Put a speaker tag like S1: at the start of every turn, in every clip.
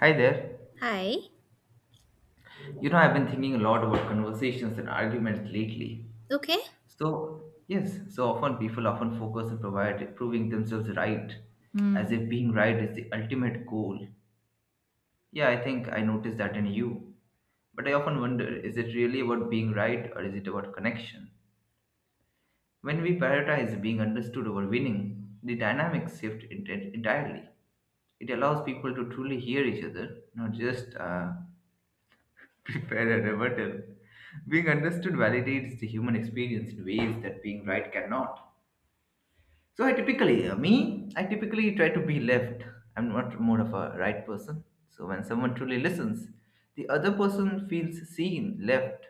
S1: Hi there.
S2: Hi.
S1: You know, I've been thinking a lot about conversations and arguments lately.
S2: Okay.
S1: So often people often focus on proving themselves right, as
S2: Hmm.
S1: if being right is the ultimate goal. Yeah, I think I noticed that in you. But I often wonder, is it really about being right or is it about connection? When we prioritize being understood over winning, the dynamics shift entirely. It allows people to truly hear each other, not just prepare a rebuttal. Being understood validates the human experience in ways that being right cannot. So I typically, I typically try to be left. I'm not more of a right person. So when someone truly listens, the other person feels seen, left,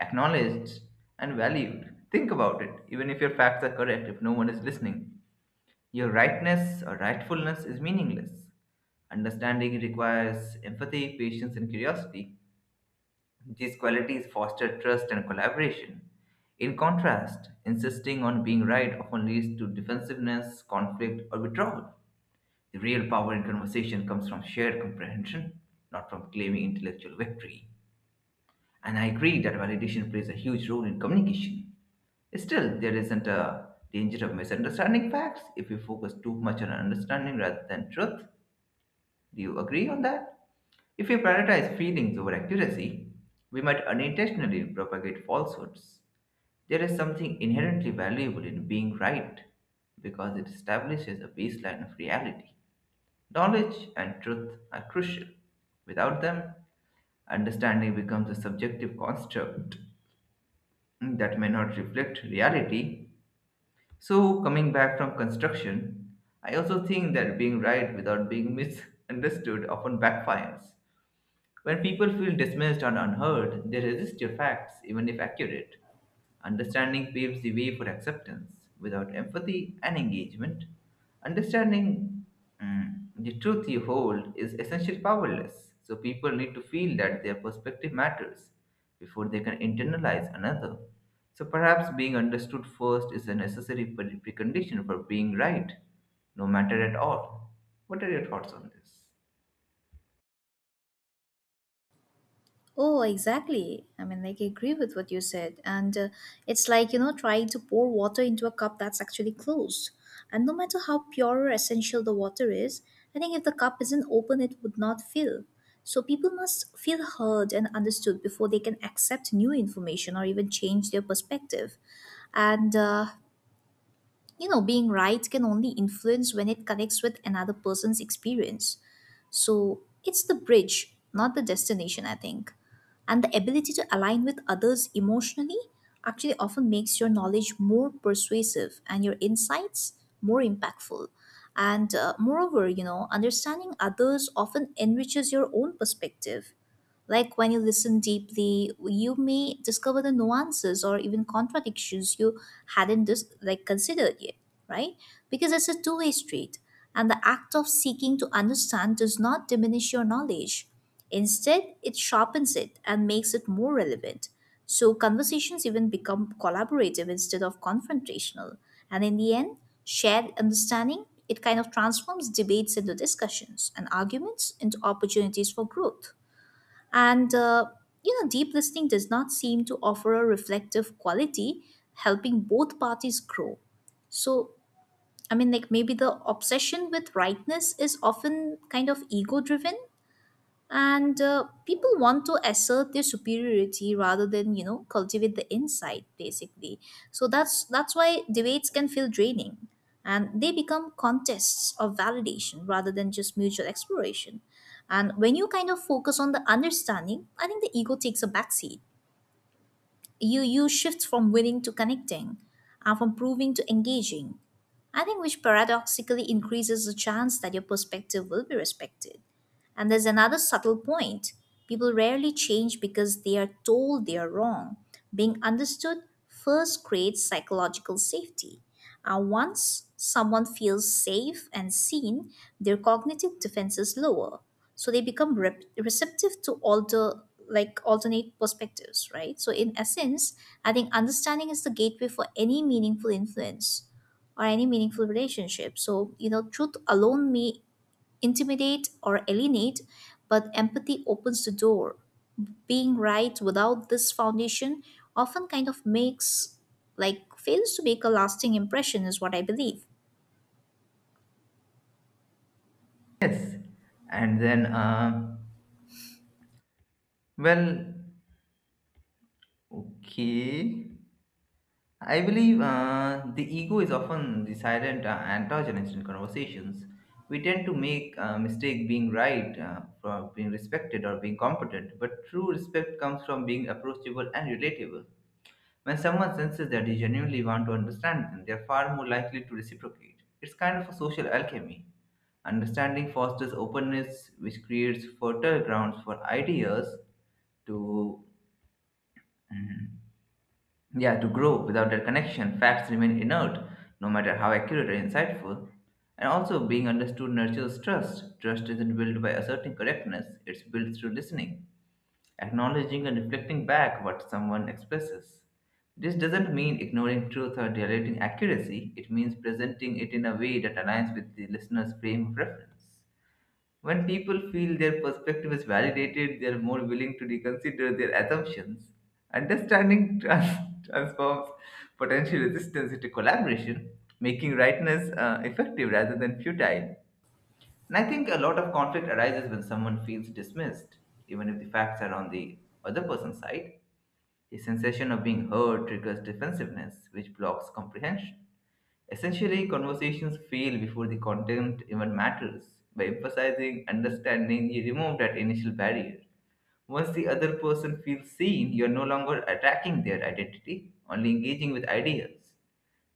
S1: acknowledged, and valued. Think about it. Even if your facts are correct, if no one is listening, your rightness or rightfulness is meaningless. Understanding requires empathy, patience, and curiosity. These qualities foster trust and collaboration. In contrast, insisting on being right often leads to defensiveness, conflict, or withdrawal. The real power in conversation comes from shared comprehension, not from claiming intellectual victory. And I agree that validation plays a huge role in communication. Still, there isn't a danger of misunderstanding facts if we focus too much on understanding rather than truth. Do you agree on that? If we prioritize feelings over accuracy, we might unintentionally propagate falsehoods. There is something inherently valuable in being right because it establishes a baseline of reality. Knowledge and truth are crucial. Without them, understanding becomes a subjective construct that may not reflect reality. So, coming back from construction, I also think that being right without being misunderstood often backfires. When people feel dismissed or unheard, they resist your facts, even if accurate. Understanding paves the way for acceptance. Without empathy and engagement, understanding the truth you hold is essentially powerless. So people need to feel that their perspective matters before they can internalize another. So perhaps being understood first is a necessary precondition for being right, no matter at all. What are your thoughts on this?
S2: Oh, exactly. I agree with what you said. And It's like, trying to pour water into a cup that's actually closed. And no matter how pure or essential the water is, I think if the cup isn't open, it would not fill. So people must feel heard and understood before they can accept new information or even change their perspective. And, uh, Being right can only influence when it connects with another person's experience. So it's the bridge, not the destination, I think. And the ability to align with others emotionally actually often makes your knowledge more persuasive and your insights more impactful. And Moreover, understanding others often enriches your own perspective, like when you listen deeply, you may discover the nuances or even contradictions you hadn't considered yet, right? Because it's a two-way street, and the act of seeking to understand does not diminish your knowledge. Instead, it sharpens it and makes it more relevant. So conversations even become collaborative instead of confrontational. And in the end, shared understanding, it kind of transforms debates into discussions and arguments into opportunities for growth. And uh, Deep listening does not seem to offer a reflective quality, helping both parties grow. So, maybe the obsession with rightness is often kind of ego driven, and people want to assert their superiority rather than cultivate the insight basically. So that's why debates can feel draining and they become contests of validation rather than just mutual exploration. And when you kind of focus on the understanding, I think the ego takes a backseat. You shift from winning to connecting, and from proving to engaging, I think, which paradoxically increases the chance that your perspective will be respected. And there's another subtle point: people rarely change because they are told they are wrong. Being understood first creates psychological safety. And once someone feels safe and seen, their cognitive defenses lower. So they become receptive to alternate perspectives, right? So in essence, I think understanding is the gateway for any meaningful influence or any meaningful relationship. So, truth alone may intimidate or alienate, but empathy opens the door. Being right without this foundation often kind of makes, like, fails to make a lasting impression, is what I believe.
S1: Yes, and then, well, okay. I believe the ego is often the silent antagonist in conversations. We tend to make a mistake being right, for being respected, or being competent, but true respect comes from being approachable and relatable. When someone senses that you genuinely want to understand them, they are far more likely to reciprocate. It's kind of a social alchemy. Understanding fosters openness, which creates fertile grounds for ideas to mm, yeah to grow. Without that connection, facts remain inert, no matter how accurate or insightful. And also, being understood nurtures trust. Trust isn't built by asserting correctness; it's built through listening, acknowledging, and reflecting back what someone expresses. This doesn't mean ignoring truth or dilating accuracy. It means presenting it in a way that aligns with the listener's frame of reference. When people feel their perspective is validated, they are more willing to reconsider their assumptions. Understanding transforms potential resistance into collaboration, making rightness effective rather than futile. And I think a lot of conflict arises when someone feels dismissed, even if the facts are on the other person's side. The sensation of being heard triggers defensiveness, which blocks comprehension. Essentially, conversations fail before the content even matters. By emphasizing understanding, you remove that initial barrier. Once the other person feels seen, you are no longer attacking their identity, only engaging with ideas.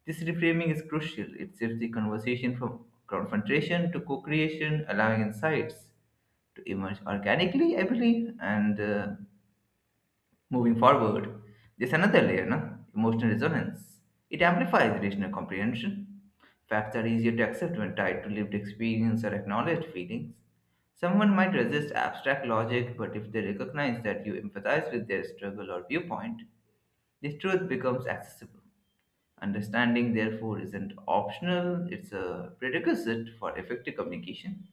S1: This reframing is crucial. It shifts the conversation from confrontation to co creation, allowing insights to emerge organically, I believe, and moving forward, there's another layer, no? Emotional resonance. It amplifies rational comprehension. Facts are easier to accept when tied to lived experience or acknowledged feelings. Someone might resist abstract logic, but if they recognize that you empathize with their struggle or viewpoint, this truth becomes accessible. Understanding, therefore, isn't optional, it's a prerequisite for effective communication.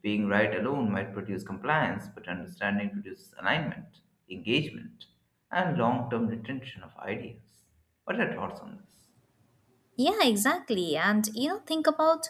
S1: Being right alone might produce compliance, but understanding produces alignment, engagement, and long term retention of ideas. What are your thoughts on this?
S2: Yeah, exactly. Think about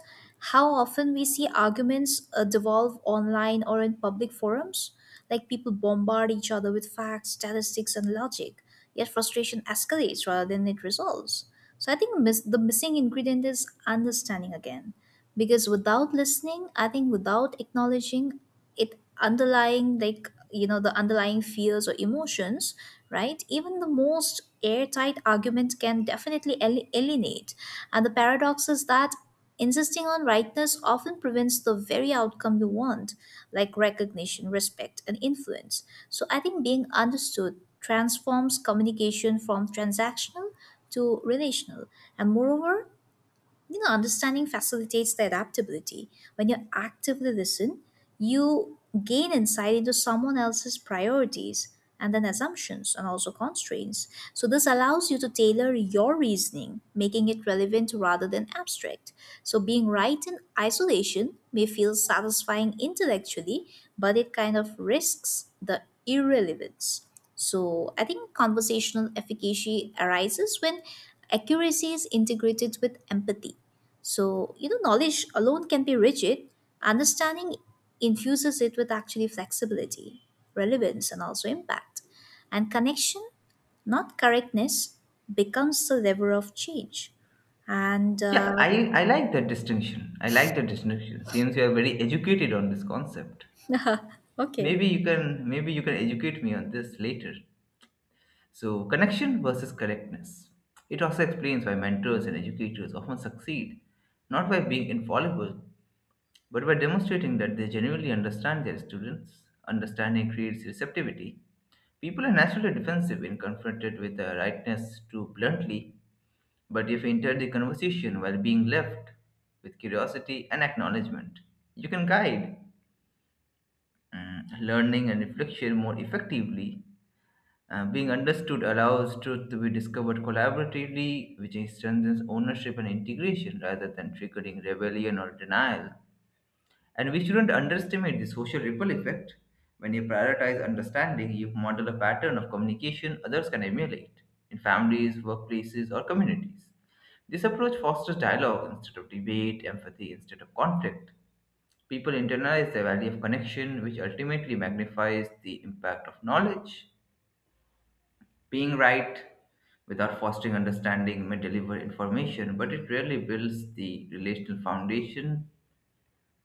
S2: how often we see arguments devolve online or in public forums. Like, people bombard each other with facts, statistics, and logic, yet frustration escalates rather than it resolves. So I think the missing ingredient is understanding again. Because without listening, I think, without acknowledging it, underlying, like, the underlying fears or emotions, right, even the most airtight argument can definitely alienate. And the paradox is that insisting on rightness often prevents the very outcome you want, like recognition, respect, and influence. So I think being understood transforms communication from transactional to relational. And moreover, understanding facilitates the adaptability. When you actively listen, you gain insight into someone else's priorities, and then assumptions and also constraints. So this allows you to tailor your reasoning, making it relevant rather than abstract. So being right in isolation may feel satisfying intellectually, but it kind of risks the irrelevance. So I think conversational efficacy arises when accuracy is integrated with empathy. So, knowledge alone can be rigid. Understanding infuses it with actually flexibility, relevance, and also impact. And connection, not correctness, becomes the lever of change. And
S1: Yeah, I like that distinction. I like that distinction. Seems you are very educated on this concept.
S2: Okay.
S1: Maybe you can educate me on this later. So, connection versus correctness. It also explains why mentors and educators often succeed not by being infallible, but by demonstrating that they genuinely understand their students. Understanding creates receptivity. People are naturally defensive when confronted with a rightness too bluntly, but if you enter the conversation while being left with curiosity and acknowledgement, you can guide learning and reflection more effectively. Being understood allows truth to be discovered collaboratively, which strengthens ownership and integration rather than triggering rebellion or denial. And we shouldn't underestimate the social ripple effect. When you prioritize understanding, you model a pattern of communication others can emulate in families, workplaces, or communities. This approach fosters dialogue instead of debate, empathy instead of conflict. People internalize the value of connection, which ultimately magnifies the impact of knowledge. Being right without fostering understanding may deliver information, but it rarely builds the relational foundation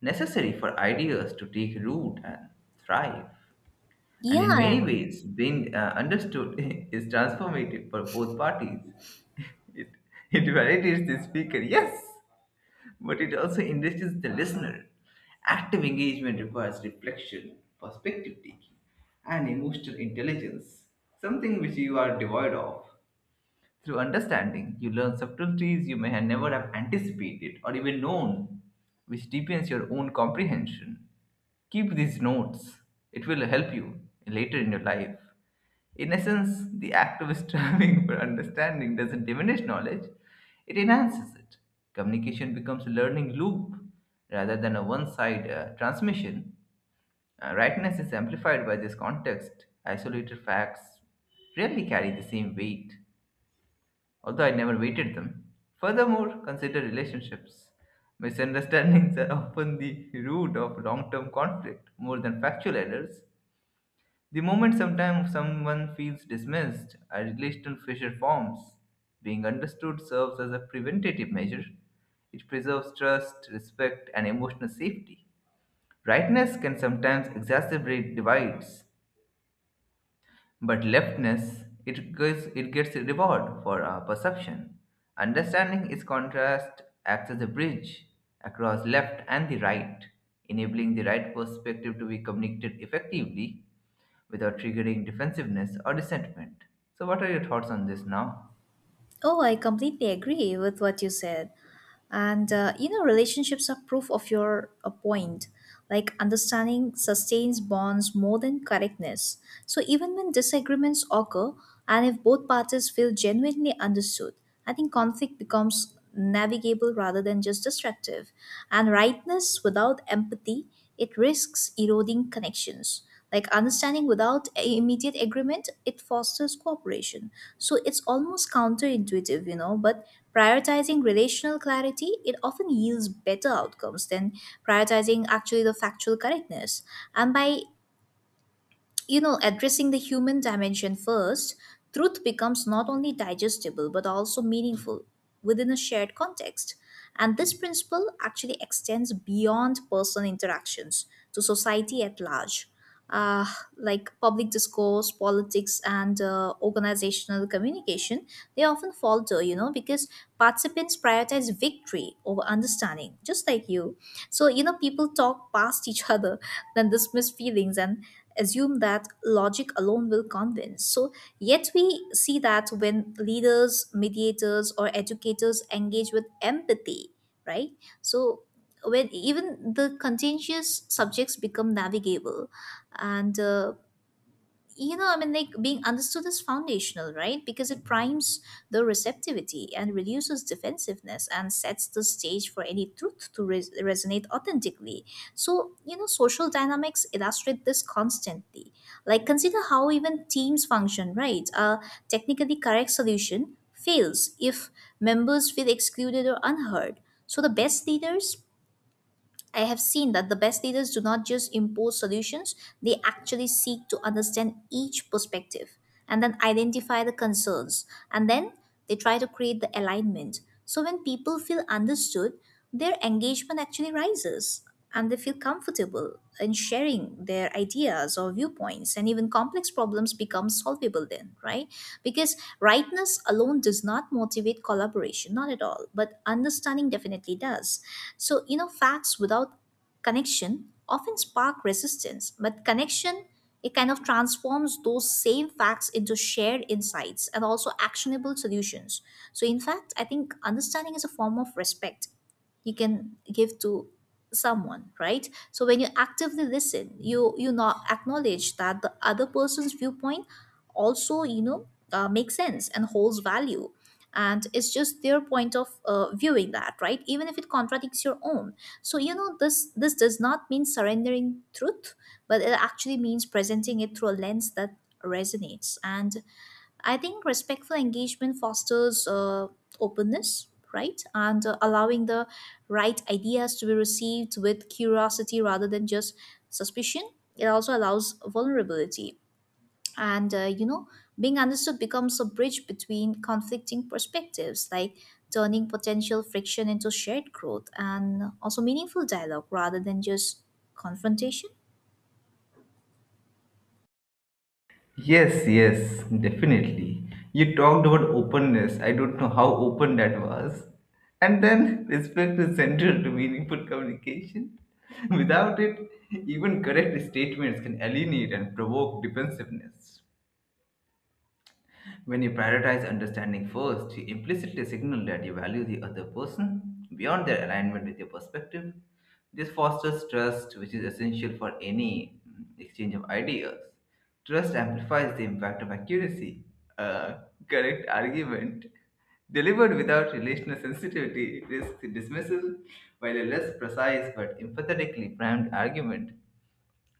S1: necessary for ideas to take root and thrive. And in
S2: Yeah.
S1: many ways, being understood is transformative for both parties. It, it validates the speaker, yes, but it also enriches the listener. Active engagement requires reflection, perspective taking, and emotional intelligence, something which you are devoid of. Through understanding, you learn subtleties you may have never have anticipated or even known, which deepens your own comprehension. Keep these notes, it will help you later in your life. In essence, the act of striving for understanding doesn't diminish knowledge, it enhances it. Communication becomes a learning loop rather than a one side transmission. Rightness is amplified by this context. Isolated facts rarely carry the same weight, although I never waited them. Furthermore, consider relationships. Misunderstandings are often the root of long term conflict more than factual errors. The moment sometimes someone feels dismissed, a relational fissure forms. Being understood serves as a preventative measure. It preserves trust, respect, and emotional safety. Rightness can sometimes exacerbate divides, but leftness, it gets a reward for our perception. Understanding its contrast acts as a bridge across left and the right, enabling the right perspective to be communicated effectively without triggering defensiveness or resentment. So, what are your thoughts on this now?
S2: Oh, I completely agree with what you said. Relationships are proof of your a point. Like, understanding sustains bonds more than correctness. So even when disagreements occur, and if both parties feel genuinely understood, I think conflict becomes navigable rather than just destructive. And rightness without empathy, it risks eroding connections, like understanding without immediate agreement, it fosters cooperation. So it's almost counterintuitive, but prioritizing relational clarity, it often yields better outcomes than prioritizing actually the factual correctness. And by, addressing the human dimension first, truth becomes not only digestible but also meaningful within a shared context. And this principle actually extends beyond personal interactions to society at large, uh, like public discourse, politics, and organizational communication. They often falter, because participants prioritize victory over understanding, just like you. So, people talk past each other, then dismiss feelings and assume that logic alone will convince. So, yet we see that when leaders, mediators, or educators engage with empathy, right? So, when even the contentious subjects become navigable, and you know, I mean, like being understood is foundational, right? Because it primes the receptivity and reduces defensiveness and sets the stage for any truth to resonate authentically. So, social dynamics illustrate this constantly. Like, consider how even teams function, right? A technically correct solution fails if members feel excluded or unheard. So, the best leaders I have seen that the best leaders do not just impose solutions, they actually seek to understand each perspective and then identify the concerns and then they try to create the alignment. So when people feel understood, their engagement actually rises, and they feel comfortable in sharing their ideas or viewpoints, and even complex problems become solvable then, right? Because rightness alone does not motivate collaboration, not at all, but understanding definitely does. So facts without connection often spark resistance, but connection, it kind of transforms those same facts into shared insights and also actionable solutions. So in fact, I think understanding is a form of respect you can give to someone, right? So when you actively listen, you not acknowledge that the other person's viewpoint also, makes sense and holds value, and it's just their point of viewing that, right, even if it contradicts your own. So you know this does not mean surrendering truth, but it actually means presenting it through a lens that resonates. And I think respectful engagement fosters openness, right? And Allowing the right ideas to be received with curiosity rather than just suspicion. It also allows vulnerability. And, uh, you know, Being understood becomes a bridge between conflicting perspectives, like turning potential friction into shared growth and also meaningful dialogue rather than just confrontation.
S1: Yes, yes, definitely. You talked about openness. I don't know how open that was. And then respect is central to meaningful communication. Without it, even correct statements can alienate and provoke defensiveness. When you prioritize understanding first, you implicitly signal that you value the other person beyond their alignment with your perspective. This fosters trust, which is essential for any exchange of ideas. Trust amplifies the impact of accuracy. A correct argument delivered without relational sensitivity risks dismissal, while a less precise but empathetically primed argument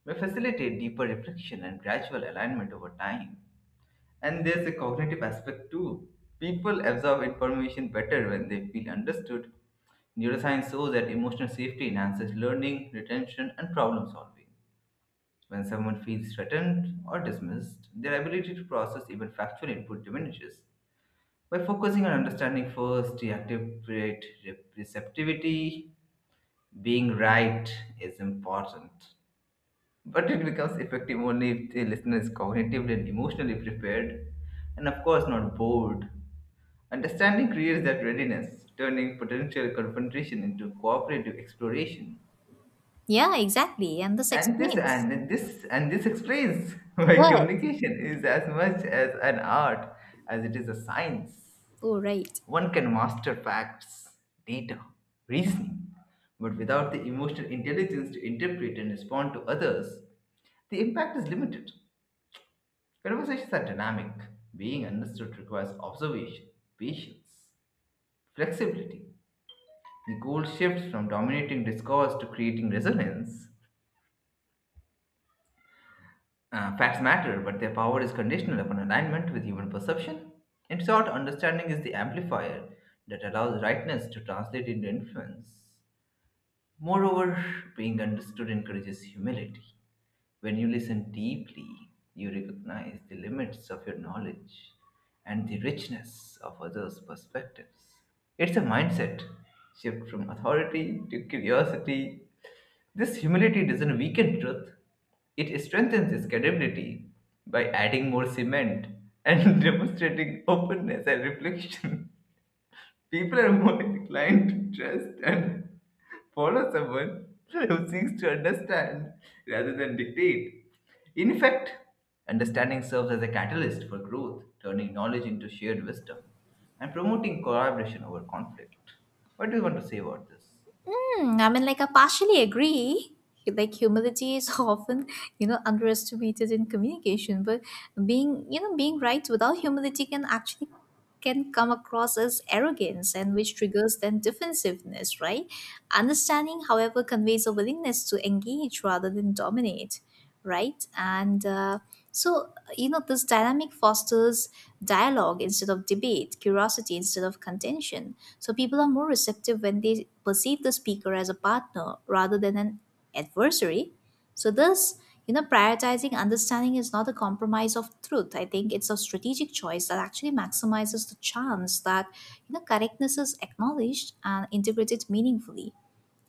S1: may facilitate deeper reflection and gradual alignment over time. And there's a cognitive aspect too. People absorb information better when they feel understood. Neuroscience shows that emotional safety enhances learning, retention, and problem solving. When someone feels threatened or dismissed, their ability to process even factual input diminishes. By focusing on understanding first, reactivate receptivity, being right is important. But it becomes effective only if the listener is cognitively and emotionally prepared, and of course, not bored. Understanding creates that readiness, turning potential confrontation into cooperative exploration.
S2: Yeah, exactly. And this
S1: And this
S2: explains
S1: and this and this explains why
S2: what?
S1: communication is as much as an art as it is a science.
S2: Oh, right.
S1: One can master facts, data, reasoning, but without the emotional intelligence to interpret and respond to others, the impact is limited. Conversations are dynamic. Being understood requires observation, patience, flexibility. The goal shifts from dominating discourse to creating resonance. Facts matter, but their power is conditional upon alignment with human perception. In short, understanding is the amplifier that allows rightness to translate into influence. Moreover, being understood encourages humility. When you listen deeply, you recognize the limits of your knowledge and the richness of others' perspectives. It's a mindset shift from authority to curiosity. This humility doesn't weaken truth, it strengthens its credibility by adding more cement and demonstrating openness and reflection. People are more inclined to trust and follow someone who seeks to understand rather than dictate. In fact, understanding serves as a catalyst for growth, turning knowledge into shared wisdom and promoting collaboration over conflict. What do you want to say about this?
S2: Hmm, I partially agree. Like, humility is often, underestimated in communication, but being right without humility can actually can come across as arrogance, and which triggers then defensiveness, right? Understanding, however, conveys a willingness to engage rather than dominate, right? And so, you know, This dynamic fosters dialogue instead of debate, curiosity instead of contention. So people are more receptive when they perceive the speaker as a partner rather than an adversary. So this, prioritizing understanding is not a compromise of truth. I think it's a strategic choice that actually maximizes the chance that correctness is acknowledged and integrated meaningfully.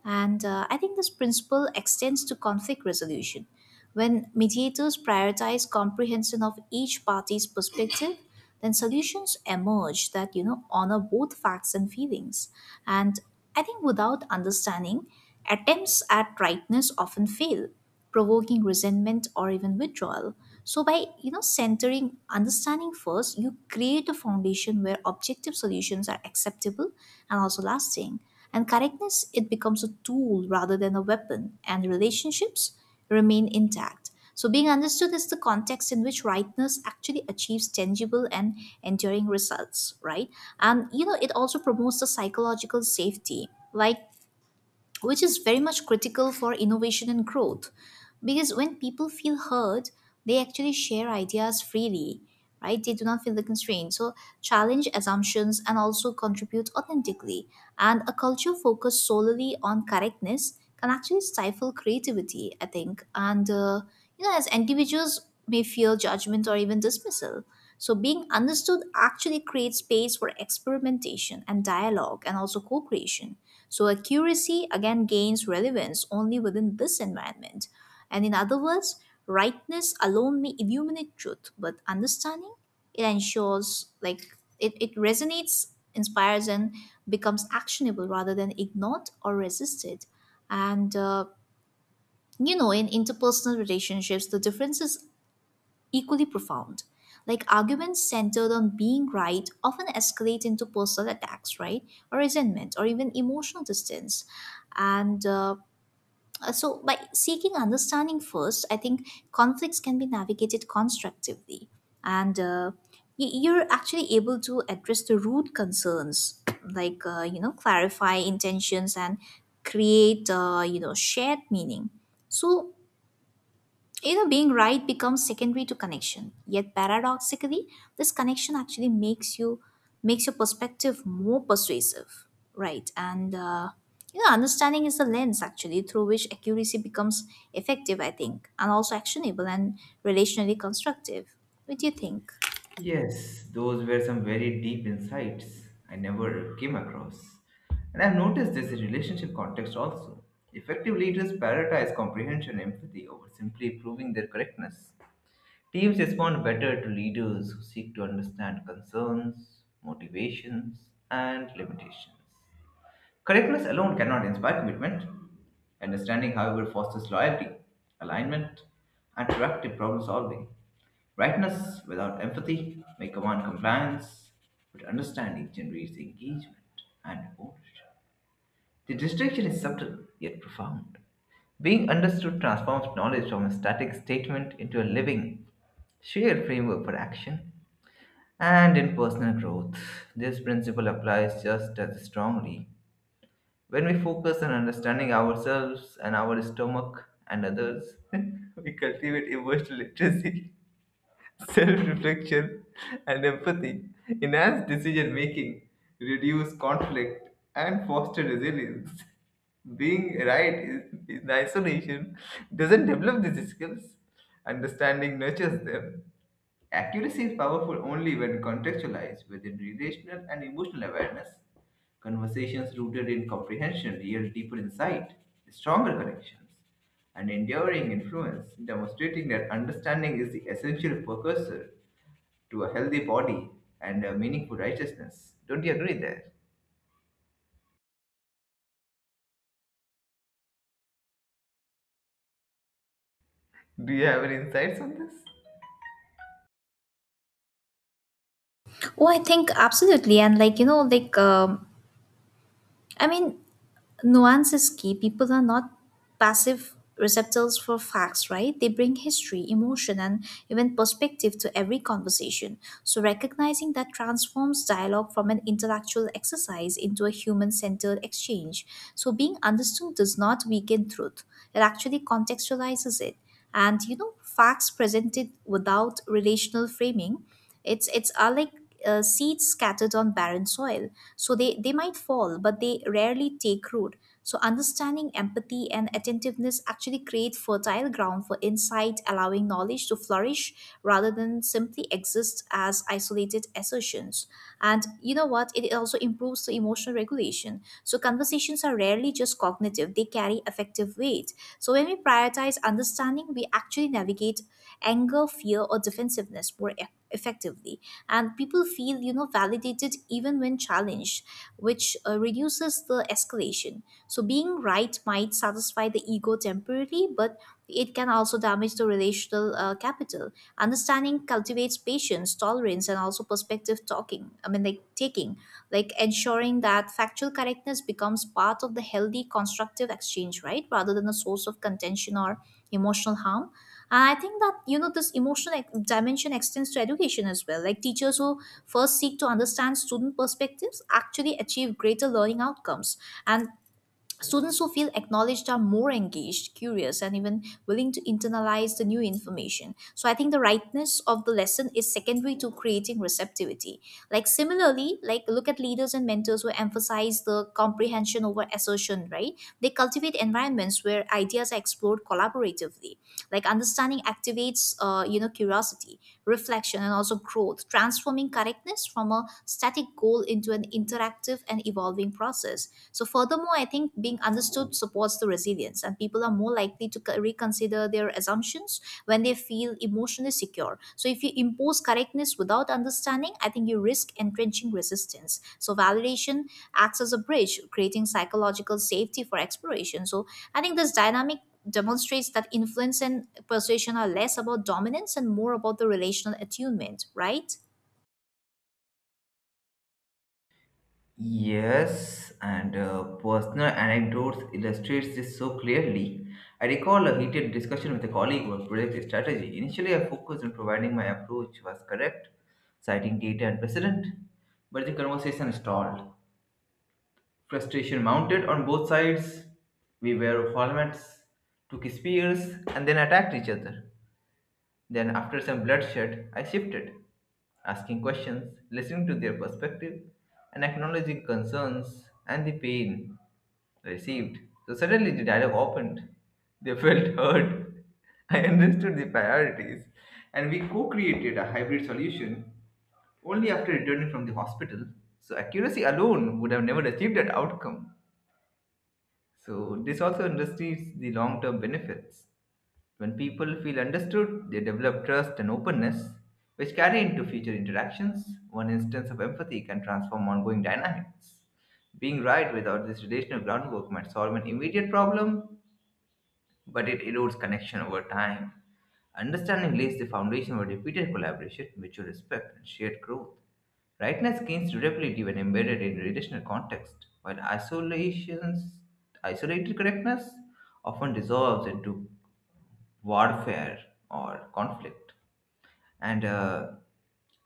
S2: And I think this principle extends to conflict resolution. When mediators prioritize comprehension of each party's perspective, then solutions emerge that honor both facts and feelings. And I think without understanding, attempts at rightness often fail, provoking resentment or even withdrawal. So by centering understanding first, you create a foundation where objective solutions are acceptable and also lasting, and correctness, it becomes a tool rather than a weapon, and relationships remain intact. So being understood is the context in which rightness actually achieves tangible and enduring results, right? And it also promotes the psychological safety, like, which is very much critical for innovation and growth. Because when people feel heard, they actually share ideas freely, right? They do not feel the constraint, so challenge assumptions and also contribute authentically. And a culture focused solely on correctness can actually stifle creativity, I think. And you know As individuals may fear judgment or even dismissal, so being understood actually creates space for experimentation and dialogue and also co-creation. So accuracy again gains relevance only within this environment. And in other words, rightness alone may illuminate truth, but understanding, it ensures, like, it resonates, inspires, and becomes actionable rather than ignored or resisted. And uh, in interpersonal relationships, the difference is equally profound. Like, arguments centered on being right often escalate into personal attacks, right? Or resentment, or even emotional distance. And So by seeking understanding first, I think conflicts can be navigated constructively, and you're actually able to address the root concerns, like, clarify intentions and create, shared meaning. So, being right becomes secondary to connection. Yet paradoxically, this connection actually makes your perspective more persuasive, right? Understanding is the lens actually through which accuracy becomes effective, I think, and also actionable and relationally constructive. What do you think?
S1: Yes, those were some very deep insights I never came across. And I've noticed this in relationship context also. Effective leaders prioritize comprehension and empathy over simply proving their correctness. Teams respond better to leaders who seek to understand concerns, motivations, and limitations. Curriculums alone cannot inspire commitment. Understanding, however, fosters loyalty, alignment, and proactive problem solving. Rightness without empathy may command compliance, but understanding generates engagement and ownership. The distinction is subtle yet profound. Being understood transforms knowledge from a static statement into a living, shared framework for action. And in personal growth, this principle applies just as strongly when we focus on understanding ourselves and our stomach and others, we cultivate emotional literacy, self reflection, and empathy, enhance decision making, reduce conflict, and foster resilience. Being right in isolation doesn't develop these skills, understanding nurtures them. Accuracy is powerful only when contextualized within relational and emotional awareness. Conversations rooted in comprehension yield deeper insight, stronger connections, and enduring influence, demonstrating that understanding is the essential precursor to a healthy body and a meaningful righteousness. Don't you agree there? Do you have any insights on this?
S2: Oh, I think absolutely, and I mean, nuance is key. People are not passive receptors for facts, right? They bring history, emotion, and even perspective to every conversation. So, recognizing that transforms dialogue from an intellectual exercise into a human centered exchange. So, being understood does not weaken truth, it actually contextualizes it. Facts presented without relational framing it's are like seeds scattered on barren soil. So they might fall, but they rarely take root. So understanding empathy and attentiveness actually create fertile ground for insight, allowing knowledge to flourish rather than simply exist as isolated assertions. And you know what? It also improves the emotional regulation. So conversations are rarely just cognitive; they carry affective weight. So when we prioritize understanding, we actually navigate anger, fear, or defensiveness more effectively, and people feel, validated even when challenged, which reduces the escalation. So being right might satisfy the ego temporarily, but it can also damage the relational capital. Understanding cultivates patience, tolerance, and also perspective talking, I mean like taking, like ensuring that factual correctness becomes part of the healthy constructive exchange, right, rather than a source of contention or emotional harm. I think that this dimension extends to education as well. Like teachers who first seek to understand student perspectives actually achieve greater learning outcomes, and students who feel acknowledged are more engaged, curious, and even willing to internalize the new information. So I think the rightness of the lesson is secondary to creating receptivity. Like similarly, like look at leaders and mentors who emphasize the comprehension over assertion, right? They cultivate environments where ideas are explored collaboratively. Like understanding activates, curiosity, reflection, and also growth, transforming correctness from a static goal into an interactive and evolving process. So, furthermore, I think being understood supports the resilience, and people are more likely to reconsider their assumptions when they feel emotionally secure. So, if you impose correctness without understanding, I think you risk entrenching resistance. So, validation acts as a bridge, creating psychological safety for exploration. So, I think this dynamic demonstrates that influence and persuasion are less about dominance and more about the relational attunement, right?
S1: Yes, and personal anecdotes illustrates this so clearly. I recall a heated discussion with a colleague about project strategy. Initially, I focused on providing my approach was correct, citing data and precedent, but the conversation stalled. Frustration mounted on both sides. We were formats, took spears, and then attacked each other. Then, after some bloodshed, I shifted, asking questions, listening to their perspective, and acknowledging concerns and the pain received. So suddenly the dialogue opened. They felt heard. I understood the priorities, and we co created a hybrid solution only after returning from the hospital. So, accuracy alone would have never achieved that outcome. So, this also understates the long term benefits. When people feel understood, they develop trust and openness, which carry into future interactions. One instance of empathy can transform ongoing dynamics. Being right without this relational groundwork might solve an immediate problem, but it erodes connection over time. Understanding lays the foundation for repeated collaboration, mutual respect, and shared growth. Rightness gains durability when embedded in relational context, while isolations, isolated correctness often dissolves into warfare or conflict. And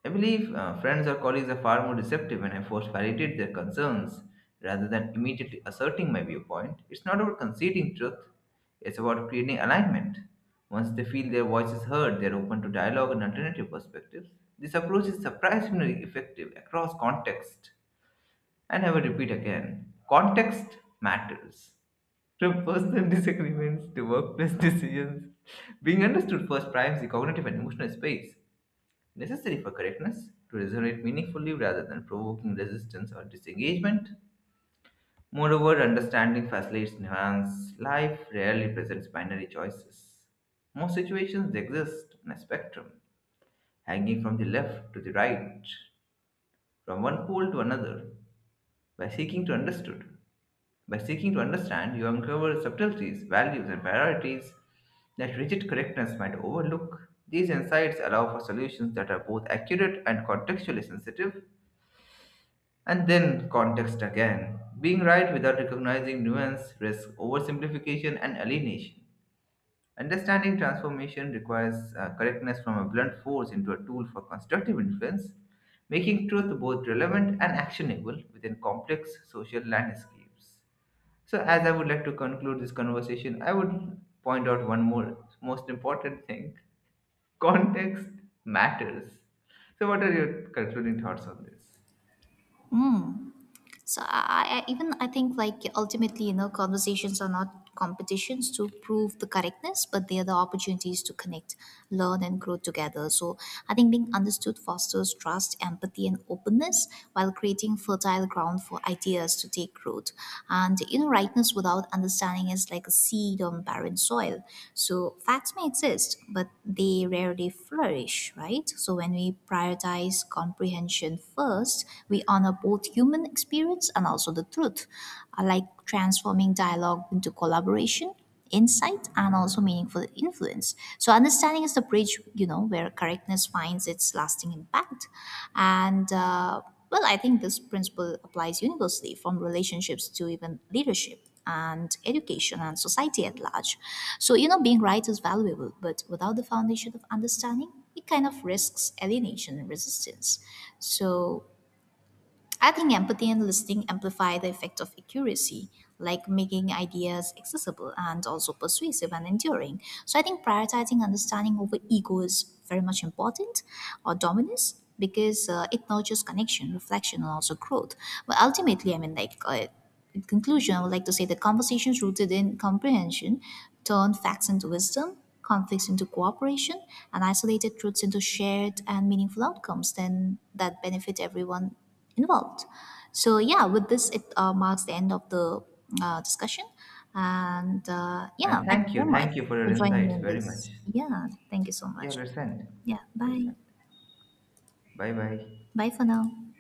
S1: I believe friends or colleagues are far more receptive when I first validate their concerns rather than immediately asserting my viewpoint. It's not about conceding truth, it's about creating alignment. Once they feel their voice is heard, they're open to dialogue and alternative perspectives. This approach is surprisingly effective across context. And I will repeat again, context matters. From personal disagreements to workplace decisions, being understood first primes the cognitive and emotional space necessary for correctness to resonate meaningfully rather than provoking resistance or disengagement. Moreover, understanding facilitates nuance. Life rarely presents binary choices. Most situations exist on a spectrum, hanging from the left to the right, from one pole to another. By seeking to understood, By seeking to understand, you uncover subtleties, values, and priorities that rigid correctness might overlook. These insights allow for solutions that are both accurate and contextually sensitive. And then, context again. Being right without recognizing nuance risks oversimplification and alienation. Understanding transformation requires correctness from a blunt force into a tool for constructive influence, making truth both relevant and actionable within complex social landscapes. So, as I would like to conclude this conversation, I would point out one more most important thing: context matters. So, what are your concluding thoughts on this?
S2: Mm. So I even I think, like ultimately, conversations are not competitions to prove the correctness, but they are the opportunities to connect, learn, and grow together. So I think being understood fosters trust, empathy, and openness while creating fertile ground for ideas to take root. Rightness without understanding is like a seed on barren soil. So facts may exist, but they rarely flourish, right? So when we prioritize comprehension first, we honor both human experience and also the truth. I like transforming dialogue into collaboration, insight, and also meaningful influence. So understanding is the bridge, where correctness finds its lasting impact. And uh, I think this principle applies universally, from relationships to even leadership and education and society at large. So, being right is valuable, but without the foundation of understanding, it kind of risks alienation and resistance. So, I think empathy and listening amplify the effect of accuracy, like making ideas accessible and also persuasive and enduring. So I think prioritizing understanding over ego is very much important, or dominance, because it nurtures connection, reflection, and also growth. But ultimately, in conclusion, I would like to say the conversations rooted in comprehension turn facts into wisdom, conflicts into cooperation, and isolated truths into shared and meaningful outcomes then that benefit everyone involved. So yeah, with this, it marks the end of the discussion. And yeah,
S1: And
S2: thank you very much
S1: thank you for
S2: for
S1: your
S2: joining me
S1: insights
S2: in
S1: very much.
S2: this. Yeah, thank you so
S1: Yeah,
S2: much.
S1: let's end.
S2: Yeah,
S1: Let's
S2: bye.
S1: end. Bye bye.
S2: Bye for now.